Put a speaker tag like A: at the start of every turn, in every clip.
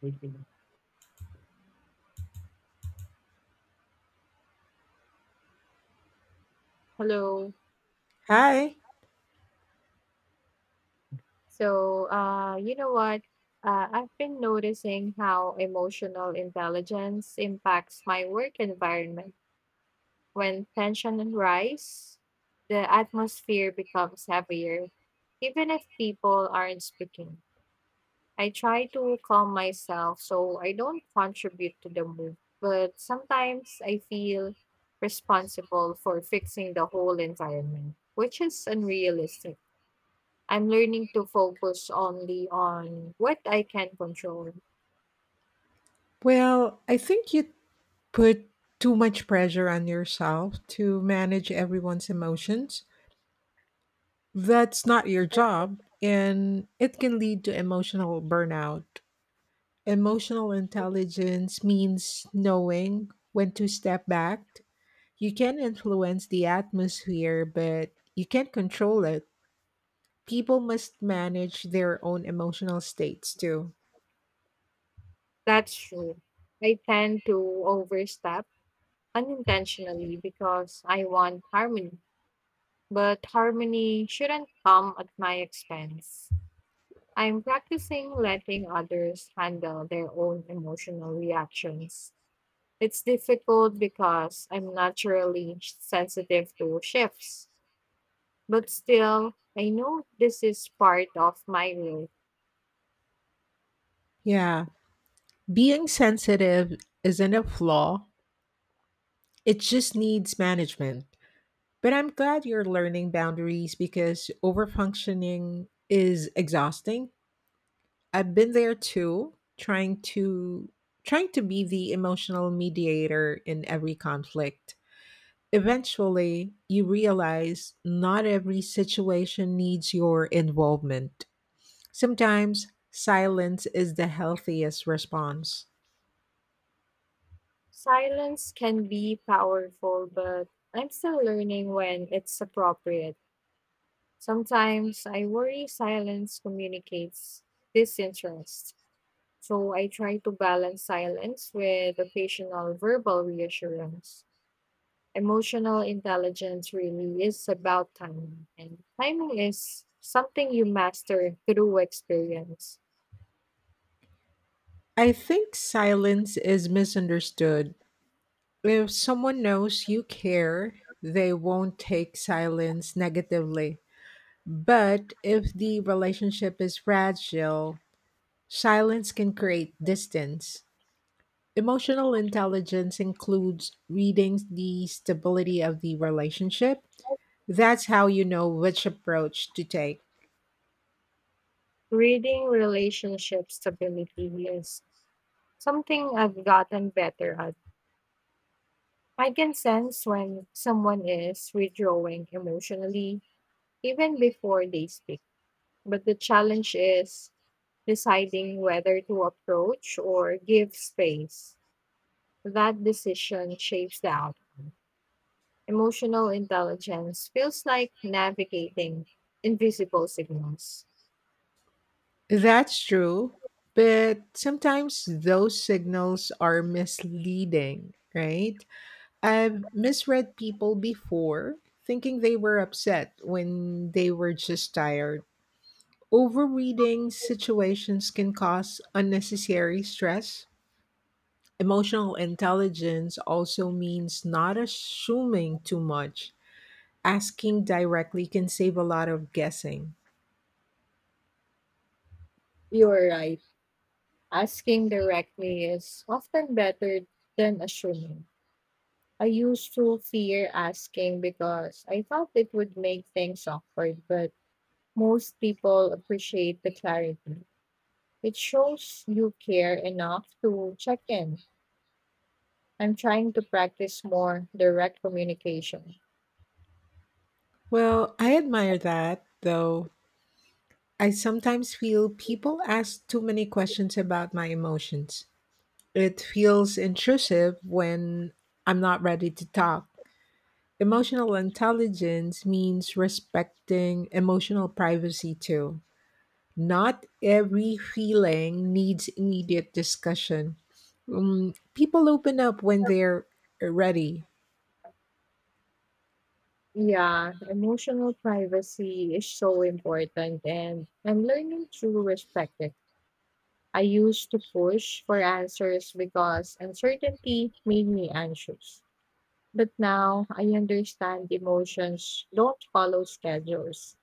A: Speaking. Hello.
B: Hi.
A: So, you know what? I've been noticing how emotional intelligence impacts my work environment. When tension rises, the atmosphere becomes heavier, even if people aren't speaking. I try to calm myself so I don't contribute to the mood, but sometimes I feel responsible for fixing the whole environment, which is unrealistic. I'm learning to focus only on what I can control.
B: Well, I think you put too much pressure on yourself to manage everyone's emotions. That's not your job, and it can lead to emotional burnout. Emotional intelligence means knowing when to step back. You can influence the atmosphere, but you can't control it. People must manage their own emotional states too.
A: That's true. I tend to overstep unintentionally because I want harmony, but harmony shouldn't come at my expense. I'm practicing letting others handle their own emotional reactions. It's difficult because I'm naturally sensitive to shifts, but still, I know this is part of my growth.
B: Yeah, being sensitive isn't a flaw. It just needs management. But I'm glad you're learning boundaries because overfunctioning is exhausting. I've been there too, trying to be the emotional mediator in every conflict. Eventually, you realize not every situation needs your involvement. Sometimes silence is the healthiest response.
A: Silence can be powerful, but I'm still learning when it's appropriate. Sometimes I worry silence communicates disinterest, so I try to balance silence with occasional verbal reassurance. Emotional intelligence really is about timing, and timing is something you master through experience.
B: I think silence is misunderstood. If someone knows you care, they won't take silence negatively. But if the relationship is fragile, silence can create distance. Emotional intelligence includes reading the stability of the relationship. That's how you know which approach to take.
A: Reading relationship stability is something I've gotten better at. I can sense when someone is withdrawing emotionally even before they speak. But the challenge is deciding whether to approach or give space. That decision shapes the outcome. Emotional intelligence feels like navigating invisible signals.
B: That's true, but sometimes those signals are misleading, right? I've misread people before, thinking they were upset when they were just tired. Overreading situations can cause unnecessary stress. Emotional intelligence also means not assuming too much. Asking directly can save a lot of guessing.
A: You're right. Asking directly is often better than assuming. I used to fear asking because I thought it would make things awkward, but most people appreciate the clarity. It shows you care enough to check in. I'm trying to practice more direct communication.
B: Well, I admire that, though. I sometimes feel people ask too many questions about my emotions. It feels intrusive when I'm not ready to talk. Emotional intelligence means respecting emotional privacy too. Not every feeling needs immediate discussion. People open up when they're ready.
A: Yeah, emotional privacy is so important, and I'm learning to respect it. I used to push for answers because uncertainty made me anxious. But now I understand emotions don't follow schedules.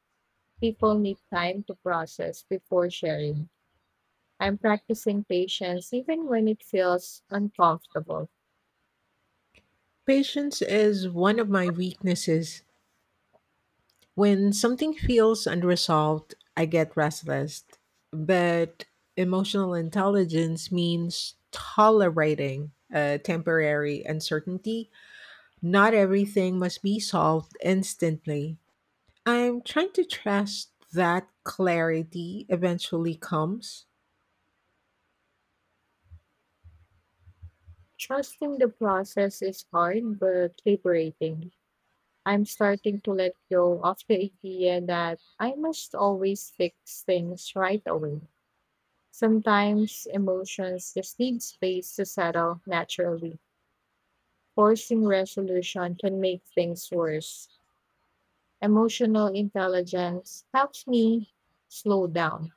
A: People need time to process before sharing. I'm practicing patience even when it feels uncomfortable.
B: Patience is one of my weaknesses. When something feels unresolved, I get restless. But emotional intelligence means tolerating a temporary uncertainty. Not everything must be solved instantly. I'm trying to trust that clarity eventually comes.
A: Trusting the process is hard but liberating. I'm starting to let go of the idea that I must always fix things right away. Sometimes emotions just need space to settle naturally. Forcing resolution can make things worse. Emotional intelligence helps me slow down.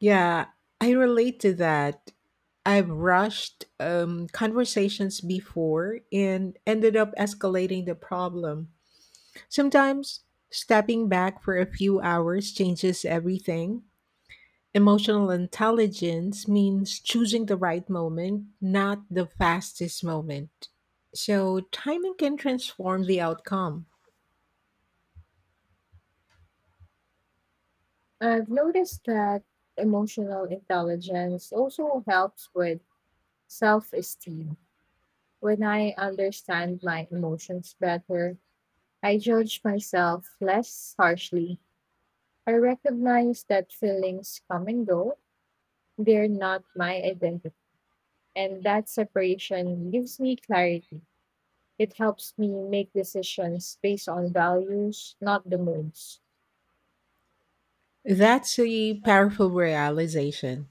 B: Yeah, I relate to that. I've rushed conversations before and ended up escalating the problem. Sometimes stepping back for a few hours changes everything. Emotional intelligence means choosing the right moment, not the fastest moment. So, timing can transform the outcome.
A: I've noticed that emotional intelligence also helps with self esteem. When I understand my emotions better, I judge myself less harshly. I recognize that feelings come and go, they're not my identity. And that separation gives me clarity. It helps me make decisions based on values, not the moods.
B: That's a powerful realization.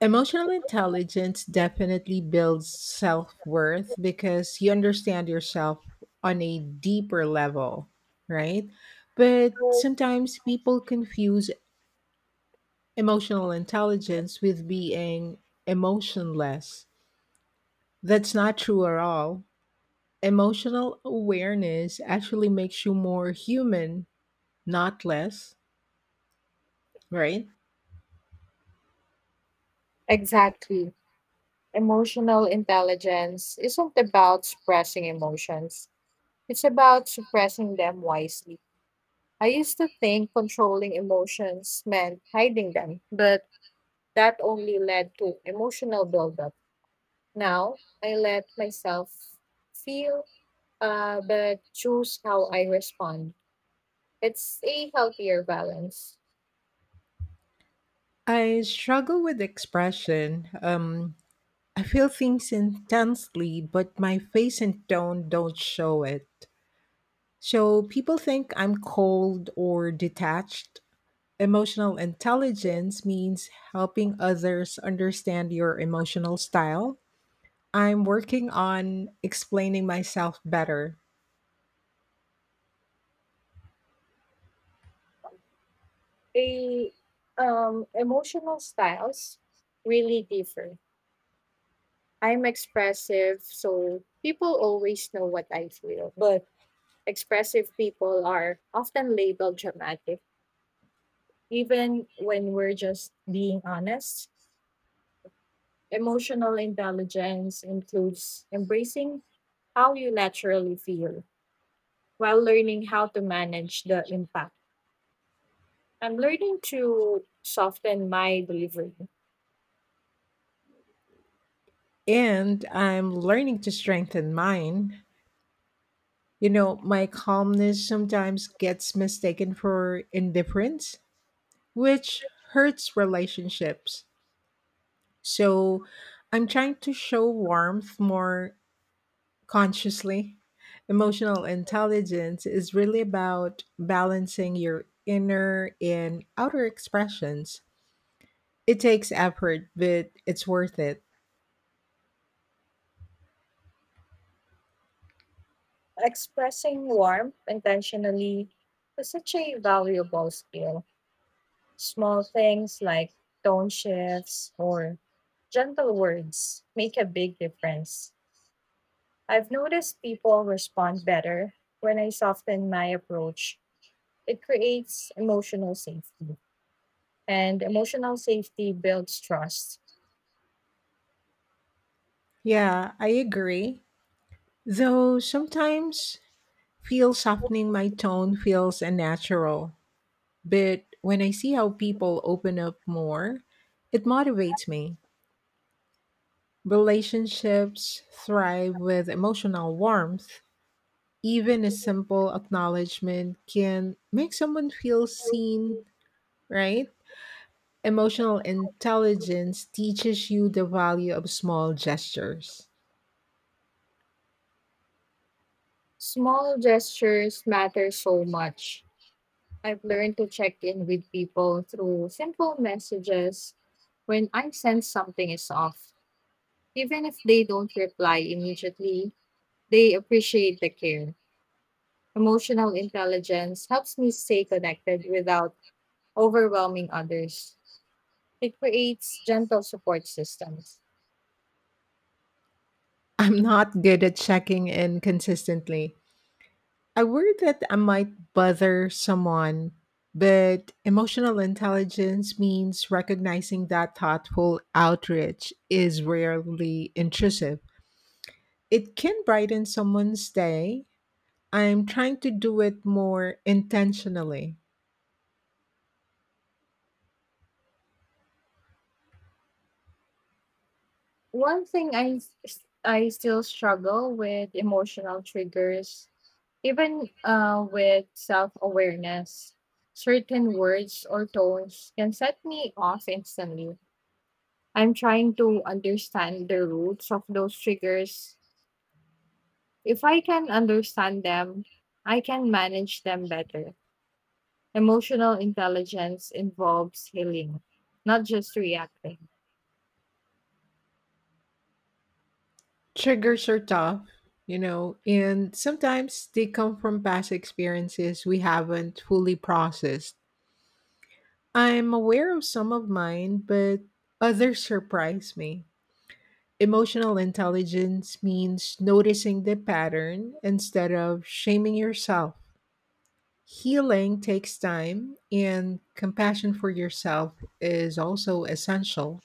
B: Emotional intelligence definitely builds self worth because you understand yourself on a deeper level, right? But sometimes people confuse emotional intelligence with being emotionless. That's not true at all. Emotional awareness actually makes you more human, not less, right?
A: Exactly. Emotional intelligence isn't about suppressing emotions, it's about suppressing them wisely. I used to think controlling emotions meant hiding them, but that only led to emotional buildup. Now I let myself feel, but choose how I respond. It's a healthier balance.
B: I struggle with expression. I feel things intensely, but my face and tone don't show it. So people think I'm cold or detached. Emotional intelligence means helping others understand your emotional style. I'm working on explaining myself better,
A: A emotional styles really differ. I'm expressive, so people always know what I feel. But expressive people are often labeled dramatic, even when we're just being honest. Emotional intelligence includes embracing how you naturally feel while learning how to manage the impact. I'm learning to soften my delivery.
B: and I'm learning to strengthen mine. You know, my calmness sometimes gets mistaken for indifference, which hurts relationships. So I'm trying to show warmth more consciously. Emotional intelligence is really about balancing your inner and outer expressions. It takes effort, but it's worth it.
A: Expressing warmth intentionally is such a valuable skill. Small things like tone shifts or gentle words make a big difference. I've noticed people respond better when I soften my approach. It creates emotional safety, and emotional safety builds trust.
B: Yeah, I agree. Though sometimes feel softening my tone feels unnatural. But when I see how people open up more, it motivates me. Relationships thrive with emotional warmth. Even a simple acknowledgement can make someone feel seen, right? Emotional intelligence teaches you the value of small gestures.
A: Small gestures matter so much. I've learned to check in with people through simple messages when I sense something is off. Even if they don't reply immediately, they appreciate the care. Emotional intelligence helps me stay connected without overwhelming others. It creates gentle support systems.
B: I'm not good at checking in consistently. I worry that I might bother someone, but emotional intelligence means recognizing that thoughtful outreach is rarely intrusive. It can brighten someone's day. I'm trying to do it more intentionally.
A: One thing I s- I still struggle with emotional triggers, even with self awareness. Certain words or tones can set me off instantly. I'm trying to understand the roots of those triggers. If I can understand them, I can manage them better. Emotional intelligence involves healing, not just reacting.
B: Triggers are tough, you know, and sometimes they come from past experiences we haven't fully processed. I'm aware of some of mine, but others surprise me. Emotional intelligence means noticing the pattern instead of shaming yourself. Healing takes time, and compassion for yourself is also essential.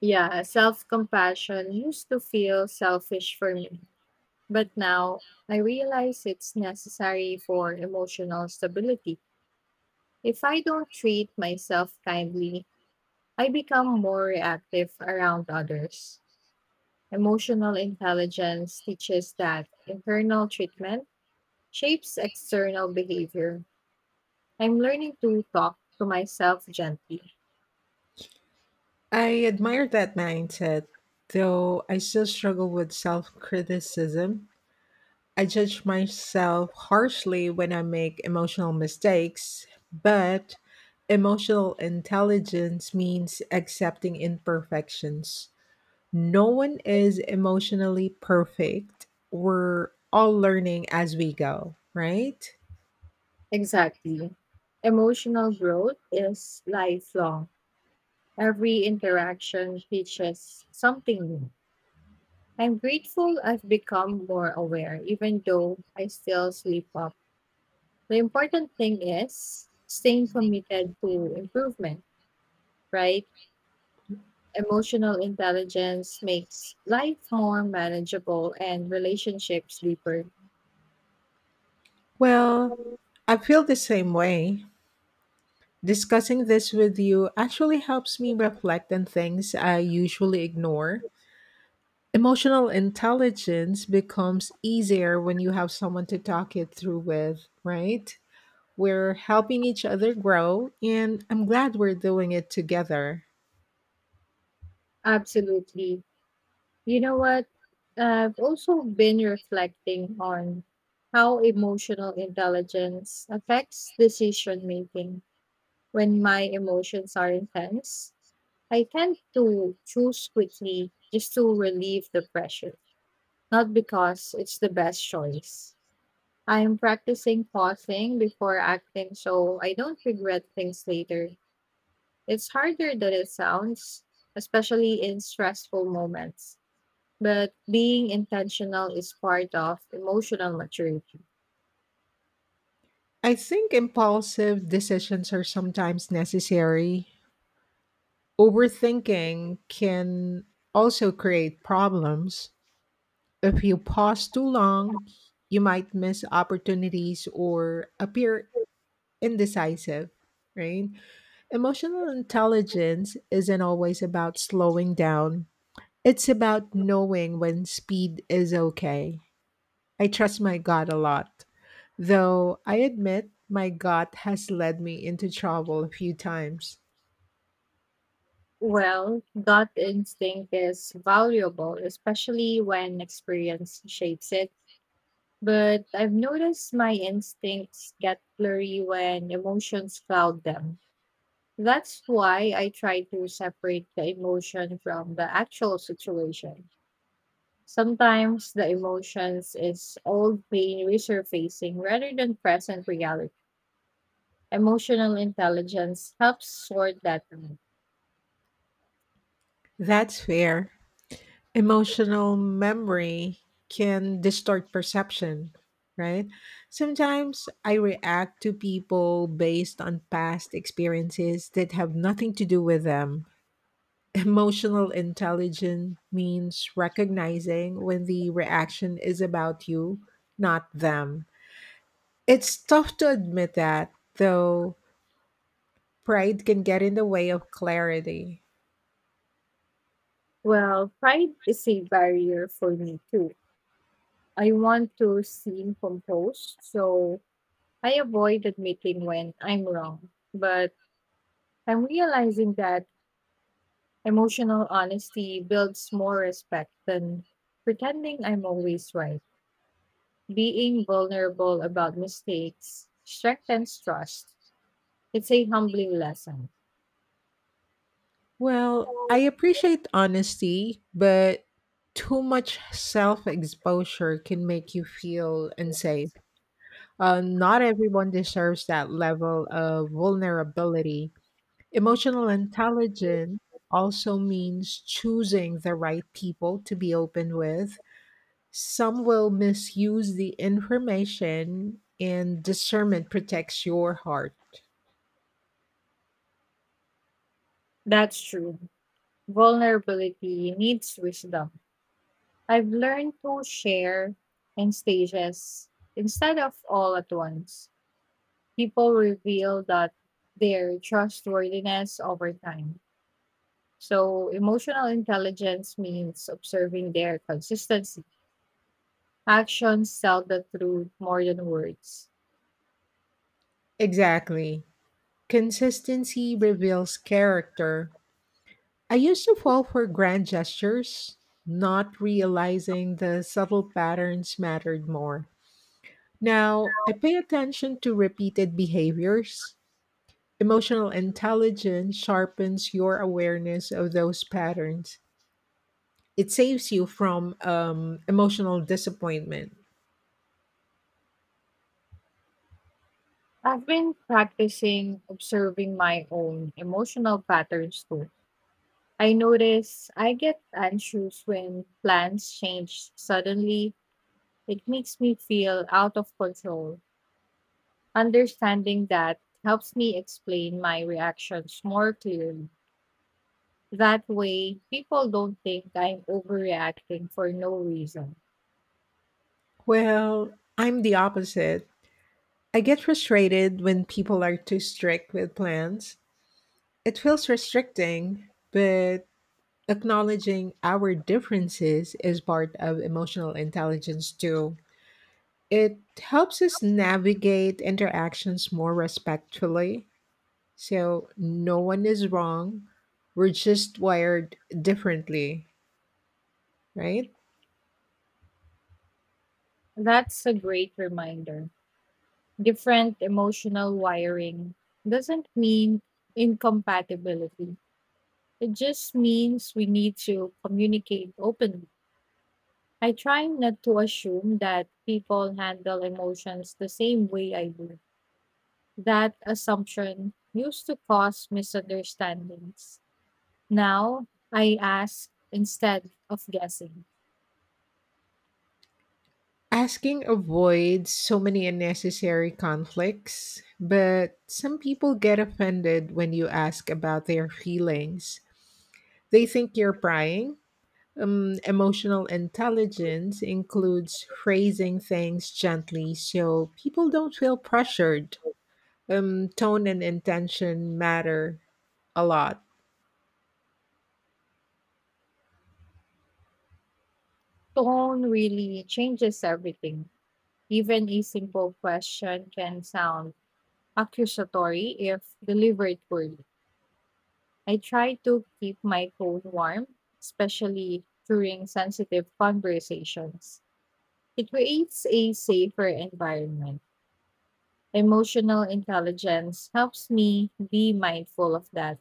A: Yeah, self compassion used to feel selfish for me. But now I realize it's necessary for emotional stability. If I don't treat myself kindly, I become more reactive around others. Emotional intelligence teaches that internal treatment shapes external behavior. I'm learning to talk to myself gently.
B: I admire that mindset, though I still struggle with self criticism. I judge myself harshly when I make emotional mistakes, but emotional intelligence means accepting imperfections. No one is emotionally perfect. We're all learning as we go, right?
A: Exactly. Emotional growth is lifelong. Every interaction teaches something new. I'm grateful I've become more aware, even though I still sleep up. The important thing is staying committed to improvement, right? Emotional intelligence makes life more manageable and relationships deeper.
B: Well, I feel the same way. Discussing this with you actually helps me reflect on things I usually ignore. Emotional intelligence becomes easier when you have someone to talk it through with, right? We're helping each other grow, and I'm glad we're doing it together.
A: Absolutely. You know what? I've also been reflecting on how emotional intelligence affects decision making when my emotions are intense. I tend to choose quickly just to relieve the pressure, not because it's the best choice. I'm practicing pausing before acting so I don't regret things later. It's harder than it sounds, especially in stressful moments. But being intentional is part of emotional maturity.
B: I think impulsive decisions are sometimes necessary. Overthinking can also create problems. If you pause too long, you might miss opportunities or appear indecisive, right? Emotional intelligence isn't always about slowing down, it's about knowing when speed is okay. I trust my gut a lot, though I admit my gut has led me into trouble a few times.
A: Well, gut instinct is valuable, especially when experience shapes it. But I've noticed my instincts get blurry when emotions cloud them. That's why I try to separate the emotion from the actual situation. Sometimes the emotions is old pain resurfacing rather than present reality. Emotional intelligence helps sort that out.
B: That's fair. Emotional memory can distort perception, right? Sometimes I react to people based on past experiences that have nothing to do with them. Emotional intelligence means recognizing when the reaction is about you, not them. It's tough to admit that, though pride can get in the way of clarity.
A: Well, pride is a barrier for me too. I want to seem composed, so I avoid admitting when I'm wrong. But I'm realizing that emotional honesty builds more respect than pretending I'm always right. Being vulnerable about mistakes strengthens trust. It's a humbling lesson.
B: Well, I appreciate honesty, but too much self exposure can make you feel unsafe. Not everyone deserves that level of vulnerability. Emotional intelligence also means choosing the right people to be open with. Some will misuse the information, and discernment protects your heart.
A: That's true. Vulnerability needs wisdom. I've learned to share in stages instead of all at once. People reveal that their trustworthiness over time. So, emotional intelligence means observing their consistency. Actions tell the truth more than words.
B: Exactly. Consistency reveals character. I used to fall for grand gestures, not realizing the subtle patterns mattered more. Now, I pay attention to repeated behaviors. Emotional intelligence sharpens your awareness of those patterns. It saves you from emotional disappointment.
A: I've been practicing observing my own emotional patterns too. I notice I get anxious when plans change suddenly. It makes me feel out of control. Understanding that helps me explain my reactions more clearly. That way, people don't think I'm overreacting for no reason.
B: Well, I'm the opposite. I get frustrated when people are too strict with plans. It feels restricting, but acknowledging our differences is part of emotional intelligence too. It helps us navigate interactions more respectfully. So no one is wrong. We're just wired differently, right?
A: That's a great reminder. Different emotional wiring doesn't mean incompatibility. It just means we need to communicate openly. I try not to assume that people handle emotions the same way I do. That assumption used to cause misunderstandings. Now I ask instead of guessing.
B: Asking avoids so many unnecessary conflicts, but some people get offended when you ask about their feelings. They think you're prying. Emotional intelligence includes phrasing things gently so people don't feel pressured, tone and intention matter a lot.
A: Tone really changes everything. Even a simple question can sound accusatory if delivered poorly. I try to keep my tone warm, especially during sensitive conversations. It creates a safer environment. Emotional intelligence helps me be mindful of that.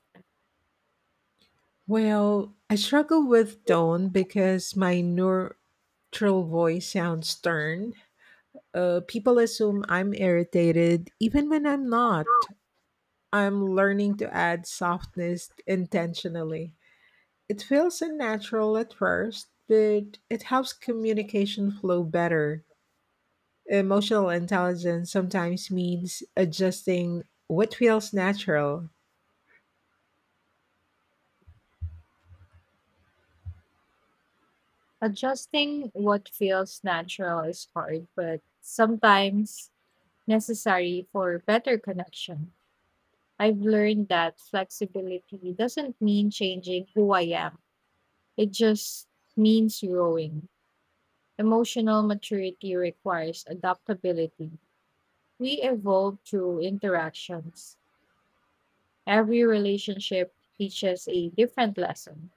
B: Well, I struggle with tone because my neutral voice sounds stern. People assume I'm irritated even when I'm not. I'm learning to add softness intentionally. It feels unnatural at first, but it helps communication flow better. Emotional intelligence sometimes means adjusting what feels natural.
A: Adjusting what feels natural is hard, but sometimes necessary for better connection. I've learned that flexibility doesn't mean changing who I am. It just means growing. Emotional maturity requires adaptability. We evolve through interactions. Every relationship teaches a different lesson.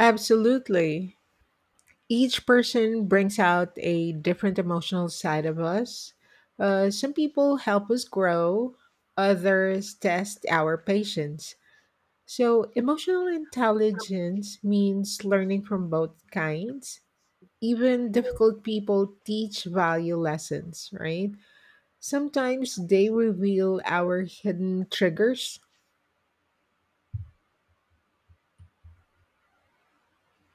B: Absolutely. Each person brings out a different emotional side of us. Some people help us grow, others test our patience. So, emotional intelligence means learning from both kinds. Even difficult people teach value lessons, right? Sometimes they reveal our hidden triggers.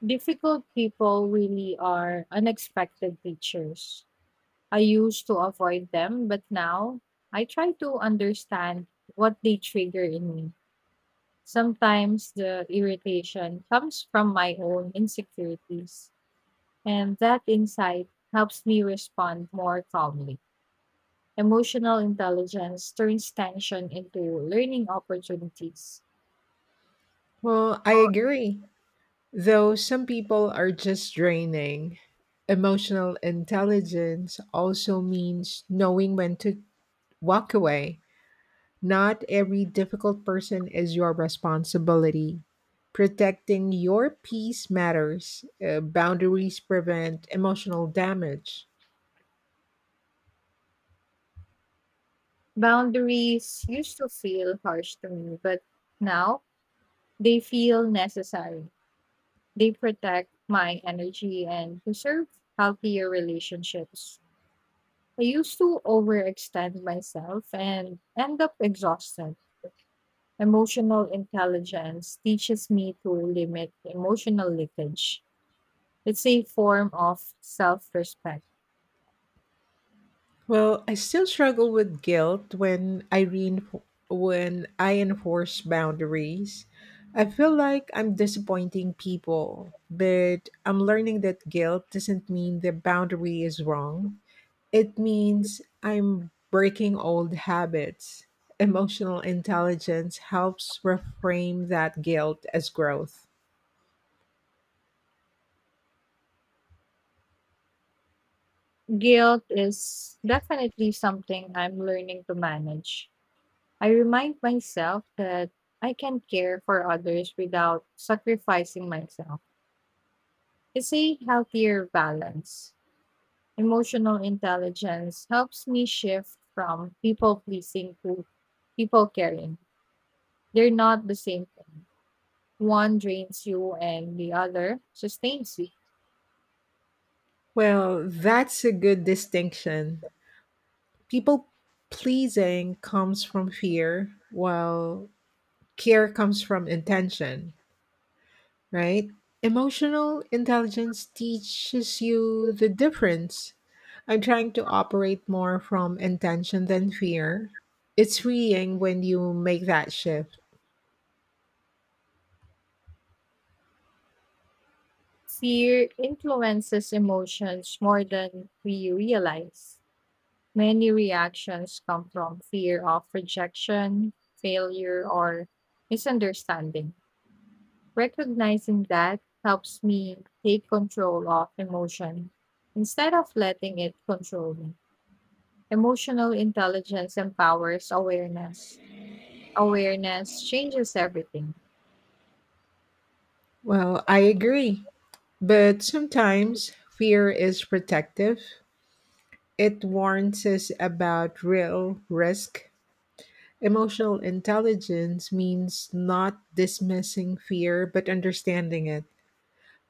A: Difficult people really are unexpected teachers. I used to avoid them, but now I try to understand what they trigger in me. Sometimes the irritation comes from my own insecurities. And that insight helps me respond more calmly. Emotional intelligence turns tension into learning opportunities.
B: Well, I agree. Though some people are just draining, emotional intelligence also means knowing when to walk away. Not every difficult person is your responsibility. Protecting your peace matters. Boundaries prevent emotional damage.
A: Boundaries used to feel harsh to me, but now they feel necessary. They protect my energy and preserve healthier relationships. I used to overextend myself and end up exhausted. Emotional intelligence teaches me to limit emotional leakage. It's a form of self respect.
B: Well, I still struggle with guilt when when I enforce boundaries. I feel like I'm disappointing people, but I'm learning that guilt doesn't mean the boundary is wrong. It means I'm breaking old habits. Emotional intelligence helps reframe that guilt as growth.
A: Guilt is definitely something I'm learning to manage. I remind myself that I can care for others without sacrificing myself. It's a healthier balance. Emotional intelligence helps me shift from people pleasing to people caring. They're not the same thing. One drains you and the other sustains you.
B: Well, that's a good distinction. People pleasing comes from fear, while care comes from intention, right? Emotional intelligence teaches you the difference. I'm trying to operate more from intention than fear. It's freeing when you make that shift.
A: Fear influences emotions more than we realize. Many reactions come from fear of rejection, failure, or misunderstanding. Recognizing that helps me take control of emotion instead of letting it control me. Emotional intelligence empowers awareness. Awareness changes everything.
B: Well, I agree. But sometimes fear is protective, it warns us about real risk. Emotional intelligence means not dismissing fear, but understanding it.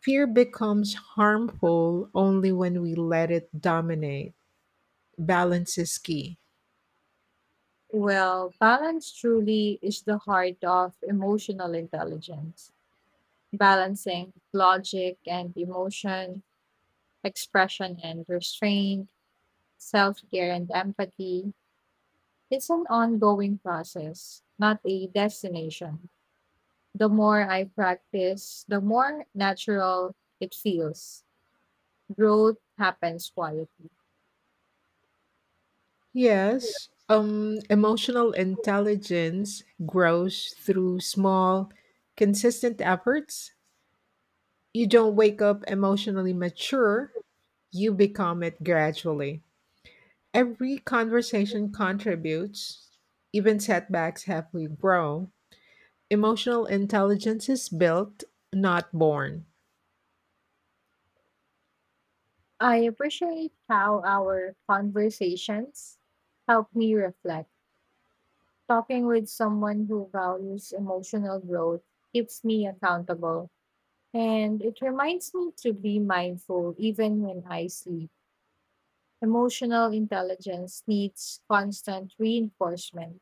B: Fear becomes harmful only when we let it dominate. Balance is key.
A: Well, balance truly is the heart of emotional intelligence. Balancing logic and emotion, expression and restraint, self care and empathy. It's an ongoing process, not a destination. The more I practice, the more natural it feels. Growth happens quietly.
B: Yes, emotional intelligence grows through small, consistent efforts. You don't wake up emotionally mature, you become it gradually. Every conversation contributes, even setbacks help we grow. Emotional intelligence is built, not born.
A: I appreciate how our conversations help me reflect. Talking with someone who values emotional growth keeps me accountable. And it reminds me to be mindful even when I sleep. Emotional intelligence needs constant reinforcement.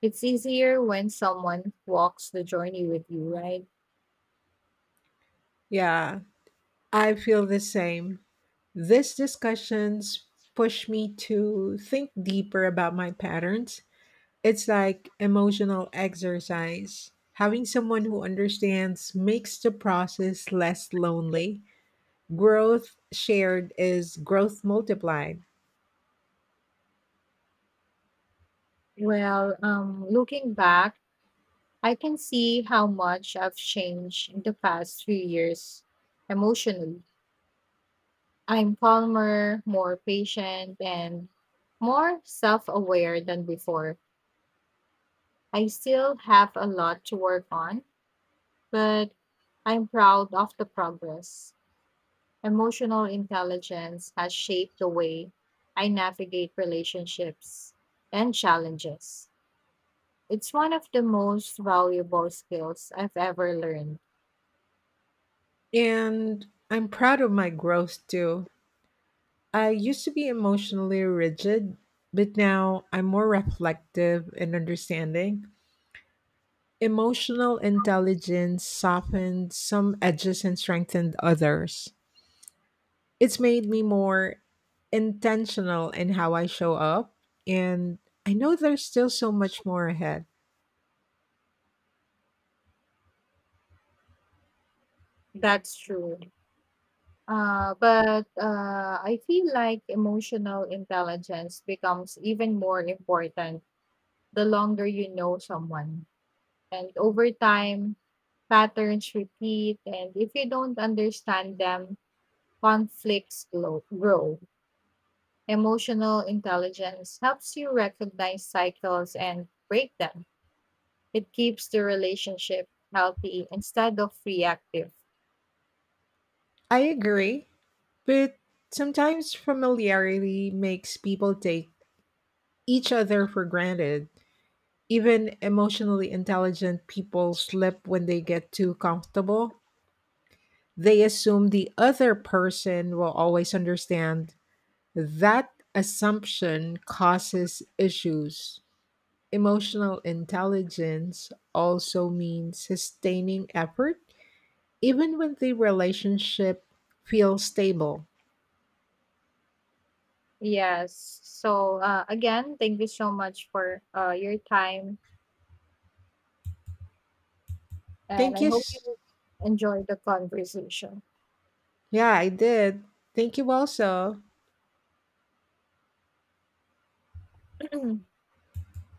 A: It's easier when someone walks the journey with you, right?
B: Yeah, I feel the same. These discussions push me to think deeper about my patterns. It's like emotional exercise. Having someone who understands makes the process less lonely. Growth shared is growth multiplied.
A: Looking back, I can see how much I've changed in the past few years emotionally. I'm calmer, more patient, and more self aware than before. I still have a lot to work on, but I'm proud of the progress. Emotional intelligence has shaped the way I navigate relationships and challenges. It's one of the most valuable skills I've ever learned.
B: And I'm proud of my growth too. I used to be emotionally rigid, but now I'm more reflective and understanding. Emotional intelligence softened some edges and strengthened others. It's made me more intentional in how I show up, and I know there's still so much more ahead.
A: That's true. But I feel like emotional intelligence becomes even more important the longer you know someone. And over time, patterns repeat. And if you don't understand them, grow. Emotional intelligence helps you recognize cycles and break them. It keeps the relationship healthy instead of reactive.
B: I agree, but sometimes familiarity makes people take each other for granted. Even emotionally intelligent people slip when they get too comfortable. They assume the other person will always understand. That assumption causes issues. Emotional intelligence also means sustaining effort even when the relationship feels stable.
A: Yes. So again, thank you so much for your time, and
B: Thank
A: I
B: you.
A: hope you
B: S-
A: enjoy the conversation.
B: Yeah, I did. Thank you also.